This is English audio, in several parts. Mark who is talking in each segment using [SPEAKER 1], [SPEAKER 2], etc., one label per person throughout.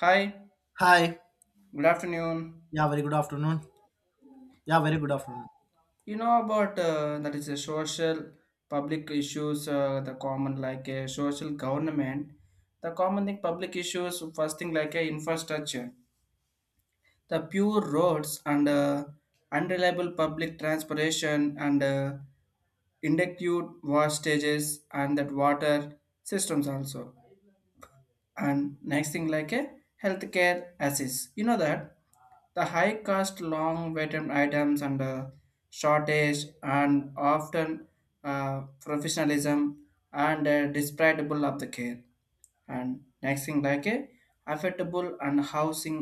[SPEAKER 1] Hi,
[SPEAKER 2] Hi.
[SPEAKER 1] good afternoon.
[SPEAKER 2] Yeah, very good afternoon. Yeah, very good afternoon.
[SPEAKER 1] You know about that is a social public issues, the common like a social government, the common thing public issues, first thing like a infrastructure, the pure roads and unreliable public transportation and inductive wastages and that water systems also. And next thing like a healthcare assist, you know that the high cost long waiting items and shortage and often professionalism and disparatable of the care. And next thing like a affordable and housing,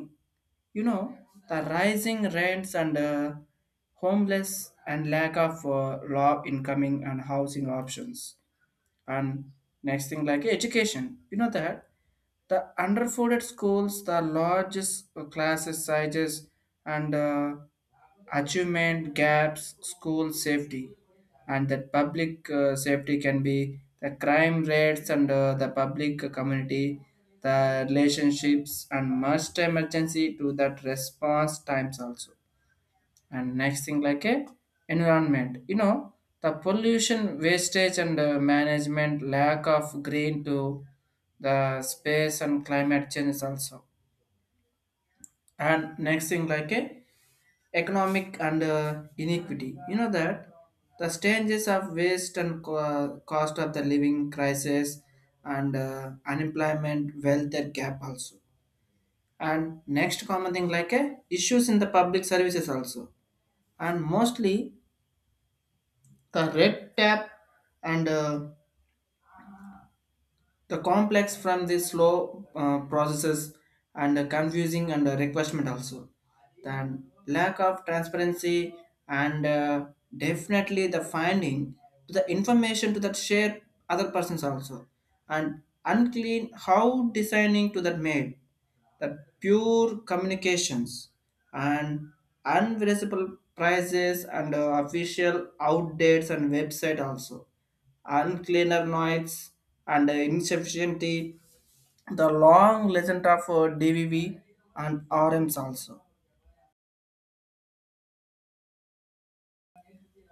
[SPEAKER 1] you know the rising rents and homeless and lack of low incoming and housing options. And next thing like education, you know that the underfunded schools, the largest classes sizes and achievement gaps, school safety. And that public safety can be the crime rates and the public community, the relationships and must emergency to that response times also. And next thing like a environment, you know the pollution wastage and management, lack of green to the space and climate change also. And next thing like a economic and inequity, you know that the changes of waste and cost of the living crisis and unemployment wealth gap also. And next common thing like a issues in the public services also. And mostly the red tap and the complex from the slow processes and confusing and requirement also, the lack of transparency and definitely the finding to the information to that share other persons also, and unclean how designing to that made the pure communications, and unvisible prices and official outdates and website also, uncleaner noise and insufficiency, the long legend of DVV and RMs also.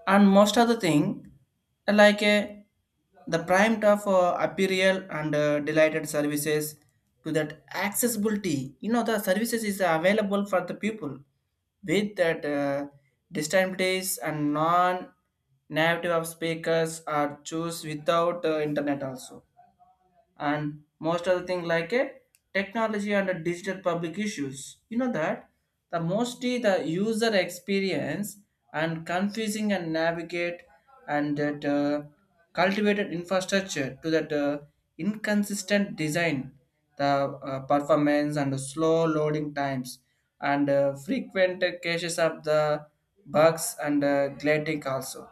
[SPEAKER 1] And most of the thing, like the prime of apparel and delighted services to that accessibility. You know, the services is available for the people with that disabilities and non native of speakers are choose without internet also. And most other thing like a technology and a digital public issues, you know that the mostly the user experience and confusing and navigate, and that cultivated infrastructure to that inconsistent design, the performance and the slow loading times and frequent cases of the bugs and glitching also.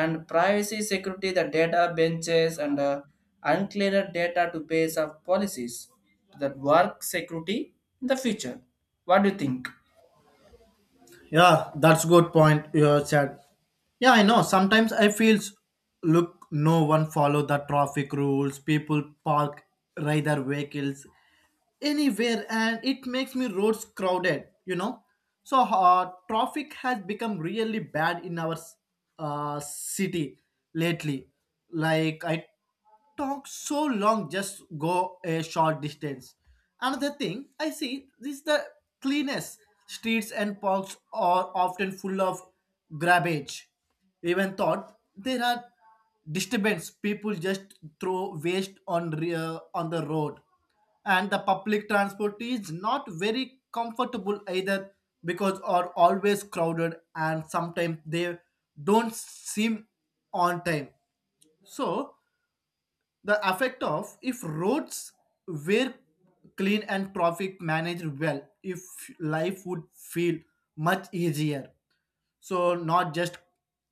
[SPEAKER 1] And privacy security, the data benches and uncleared data to base of policies that work security in the future. What do you think?
[SPEAKER 2] Yeah, that's good point you have said. Yeah, I know. Sometimes I feels look, no one follow the traffic rules. People park ride their vehicles anywhere, and it makes me roads crowded. You know, so traffic has become really bad in our city lately. Like I talk so long just go a short distance. Another thing I see is the cleanness. Streets and parks are often full of garbage, even thought there are disturbance people just throw waste on the road, and the public transport is not very comfortable either, because are always crowded and sometimes they don't seem on time. So the effect of if roads were clean and traffic managed well, if life would feel much easier. So not just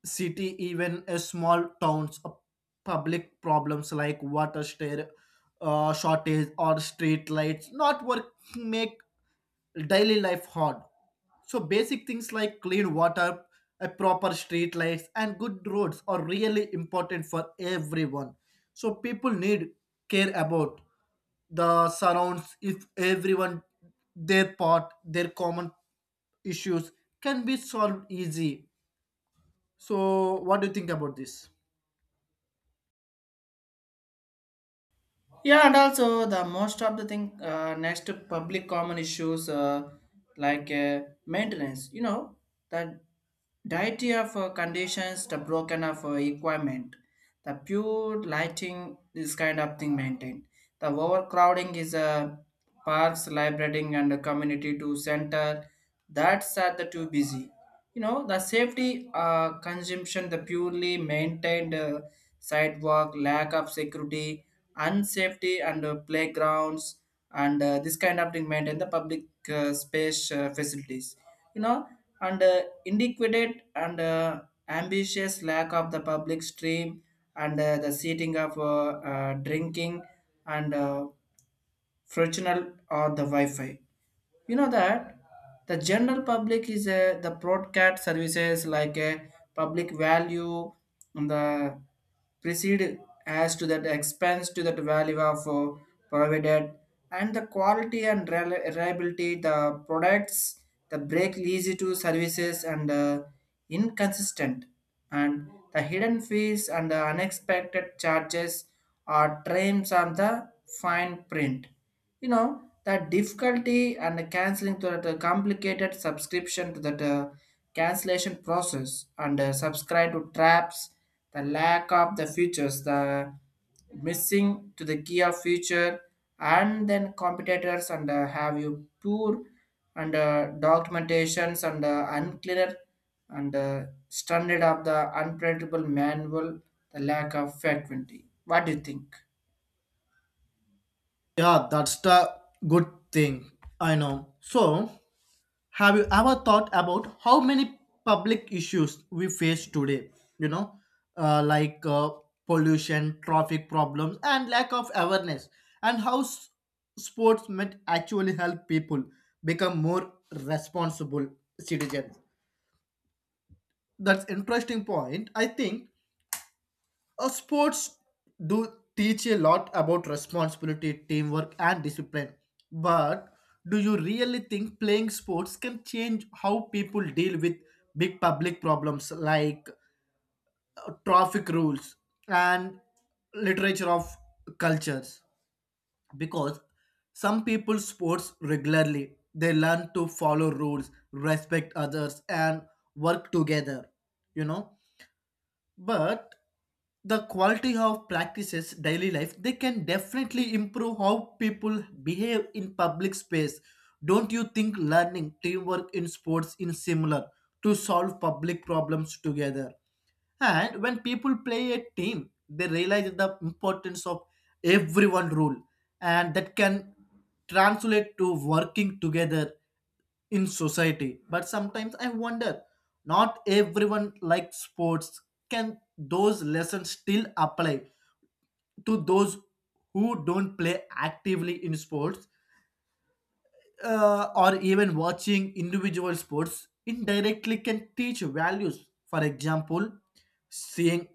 [SPEAKER 2] city, even a small towns, public problems like water stair, shortage or street lights not work, make daily life hard. So basic things like clean water, a proper street lights and good roads are really important for everyone. So people need care about the surrounds. If everyone their part, their common issues can be solved easy. So what do you think about this?
[SPEAKER 1] Yeah, and also the most of the thing next to public common issues, like maintenance. You know the diety of conditions, the broken of equipment, the pure lighting, this kind of thing maintained. The overcrowding is parks, librarying, and the community to center. That's at the too busy. You know the safety consumption, the purely maintained sidewalk, lack of security. Unsafety and playgrounds and this kind of thing maintain the public space facilities, you know. And inadequate and ambitious lack of the public stream and the seating of drinking and Fractional or the Wi-Fi. You know that the general public is the broadcast services like a public value, and the precede as to that expense to that value of provided, and the quality and reliability the products, the break easy to services and inconsistent, and the hidden fees and the unexpected charges are terms on the fine print. You know that difficulty and canceling to that complicated subscription to that cancellation process and subscribe to traps, the lack of the features, the missing to the key of feature, and then competitors and have you poor and documentations and unclear and standard of the unpredictable manual, the lack of frequency. What do you think?
[SPEAKER 2] Yeah, that's the good thing, I know. So have you ever thought about how many public issues we face today? You know, like pollution, traffic problems, and lack of awareness, and how sports might actually help people become more responsible citizens? That's interesting point, I think. Sports do teach a lot about responsibility, teamwork, and discipline. But do you really think playing sports can change how people deal with big public problems like traffic rules and literature of cultures? Because some people sports regularly, they learn to follow rules, respect others, and work together, you know. But the quality of practices daily life, they can definitely improve how people behave in public space. Don't you think learning teamwork in sports is similar to solve public problems together? And when people play a team, they realize the importance of everyone rule, and that can translate to working together in society. But sometimes I wonder, not everyone likes sports. Can those lessons still apply to those who don't play actively in sports? Or even watching individual sports indirectly can teach values. For example, seeing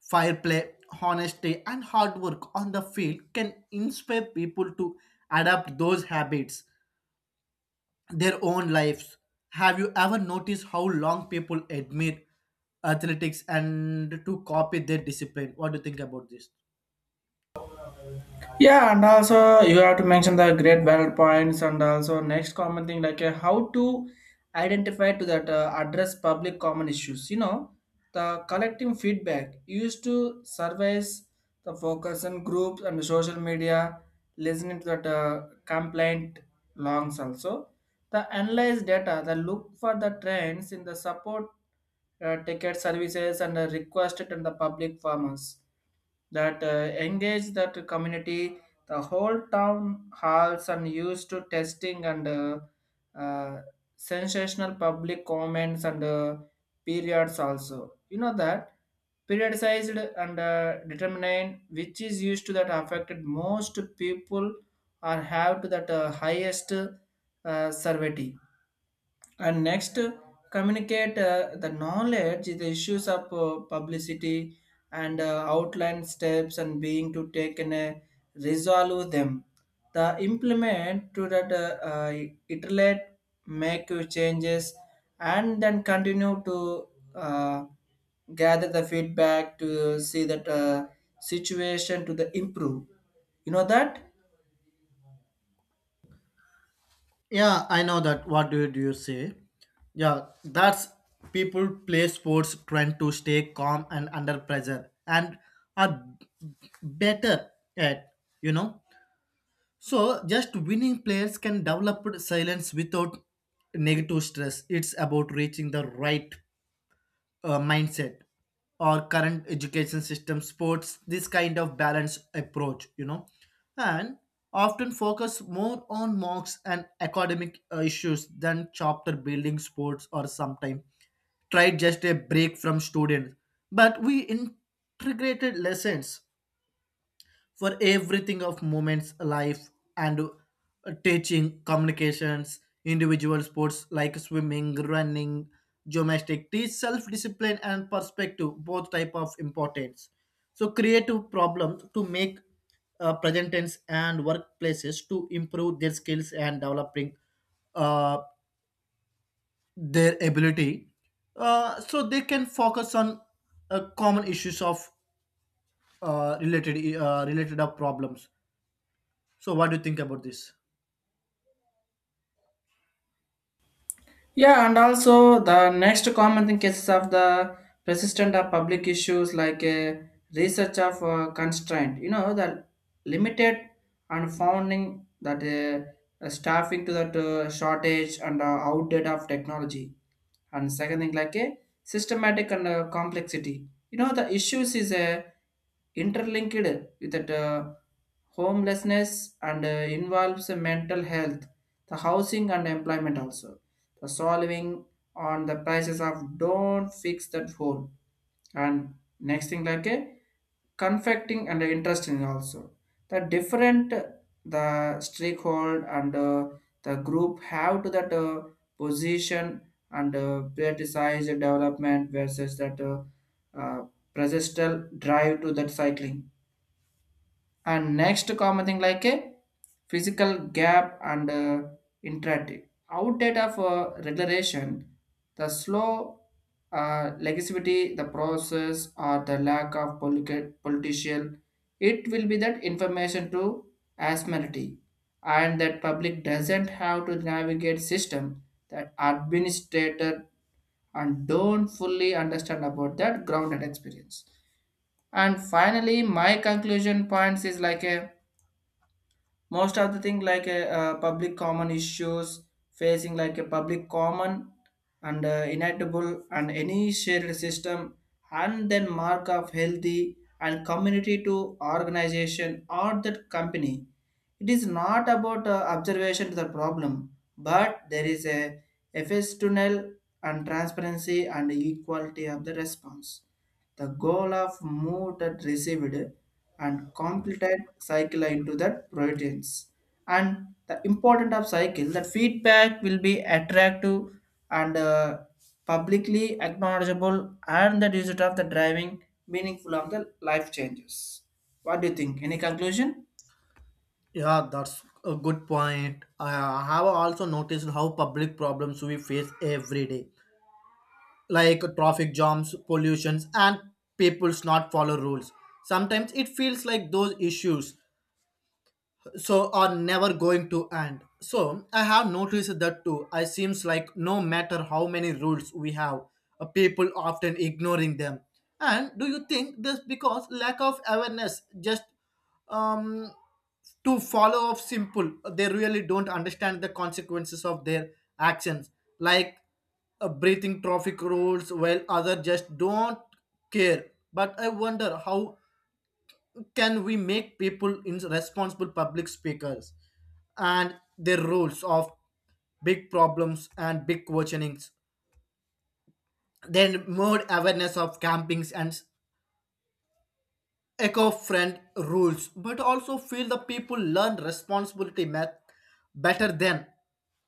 [SPEAKER 2] fire play, honesty, and hard work on the field can inspire people to adapt those habits their own lives. Have you ever noticed how long people admire athletics and to copy their discipline? What do you think about this?
[SPEAKER 1] Yeah, and also you have to mention the great valid points, and also next common thing like how to identify to that address public common issues. You know, the collecting feedback used to surveys, the focus on groups and social media, listening to that complaint longs also. The analyze data, the look for the trends in the support ticket services and the requested in the public farmers that engage that community. The whole town halls and used to testing and uh, sensational public comments and periods also. You know that periodized and determined which is used to that affected most people or have to that highest survey. And next communicate the knowledge, the issues of publicity and outline steps and being to take and resolve them, the implement to that iterate, make your changes, and then continue to uh, gather the feedback to see that situation to the improve, you know that.
[SPEAKER 2] Yeah, I know that. What do you say? Yeah, that's people play sports trying to stay calm and under pressure, and are better at, you know. So just winning players can develop silence without negative stress. It's about reaching the right mindset. Or current education system sports this kind of balanced approach, you know, and often focus more on marks and academic issues than chapter building sports, or sometimes try just a break from students. But we integrated lessons for everything of moments life, and teaching communications individual sports like swimming, running, gymnastics teach self-discipline and perspective, both type of importance. So creative problems to make present tense and workplaces to improve their skills and developing uh, their ability, so they can focus on common issues of related of problems. So, what do you think about this?
[SPEAKER 1] Yeah, and also the next common thing cases of the persistent of public issues like a research of constraint. You know, the limited and founding that staffing to that shortage and outdated of technology. And second thing like a systematic and complexity, you know the issues is a interlinked with that homelessness and involves the mental health, the housing and employment also, the solving on the prices of don't fix that home. And next thing like a conflicting and interesting also. The different the stakeholder and the group have to that position and prioritize development versus that uh, persistent drive to that cycling. And next common thing like a physical gap and interactive outdate of regulation, the slow legislativity the process, or the lack of political, it will be that information to asmerity, and that public doesn't have to navigate system that administrator, and don't fully understand about that grounded experience. And finally my conclusion points is like a most of the thing like a public common issues, facing like a public common and inevitable and any shared system, and then mark of healthy and community to organization or that company. It is not about observation to the problem, but there is a fs tunnel and transparency and equality of the response, the goal of move that received and completed cycle into that proteins. And the important of cycle that feedback will be attractive and publicly acknowledgeable and the result of the driving meaningful of the life changes. What do you think? Any conclusion?
[SPEAKER 2] Yeah, that's a good point. I have also noticed how public problems we face every day, like traffic jams, pollutions, and people's not follow rules. Sometimes it feels like those issues so are never going to end. So I have noticed that too. I seems like no matter how many rules we have, people often ignoring them. And do you think this because lack of awareness, just um to follow up simple, they really don't understand the consequences of their actions, like breathing traffic rules, while other just don't care. But I wonder how can we make people in responsible public speakers and their roles of big problems and big questionings? Then more awareness of campings and eco-friend rules, but also feel the people learn responsibility math better than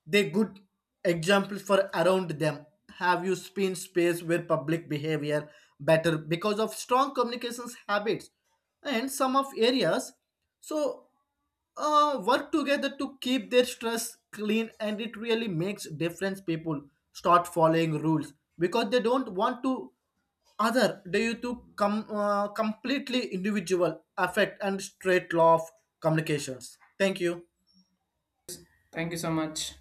[SPEAKER 2] they good examples for around them. Have you spin space where public behavior better because of strong communications habits? And some of areas, so work together to keep their stress clean, and it really makes difference. People start following rules because they don't want to other due to completely individual affect and straight law of communications. Thank you.
[SPEAKER 1] Thank you so much.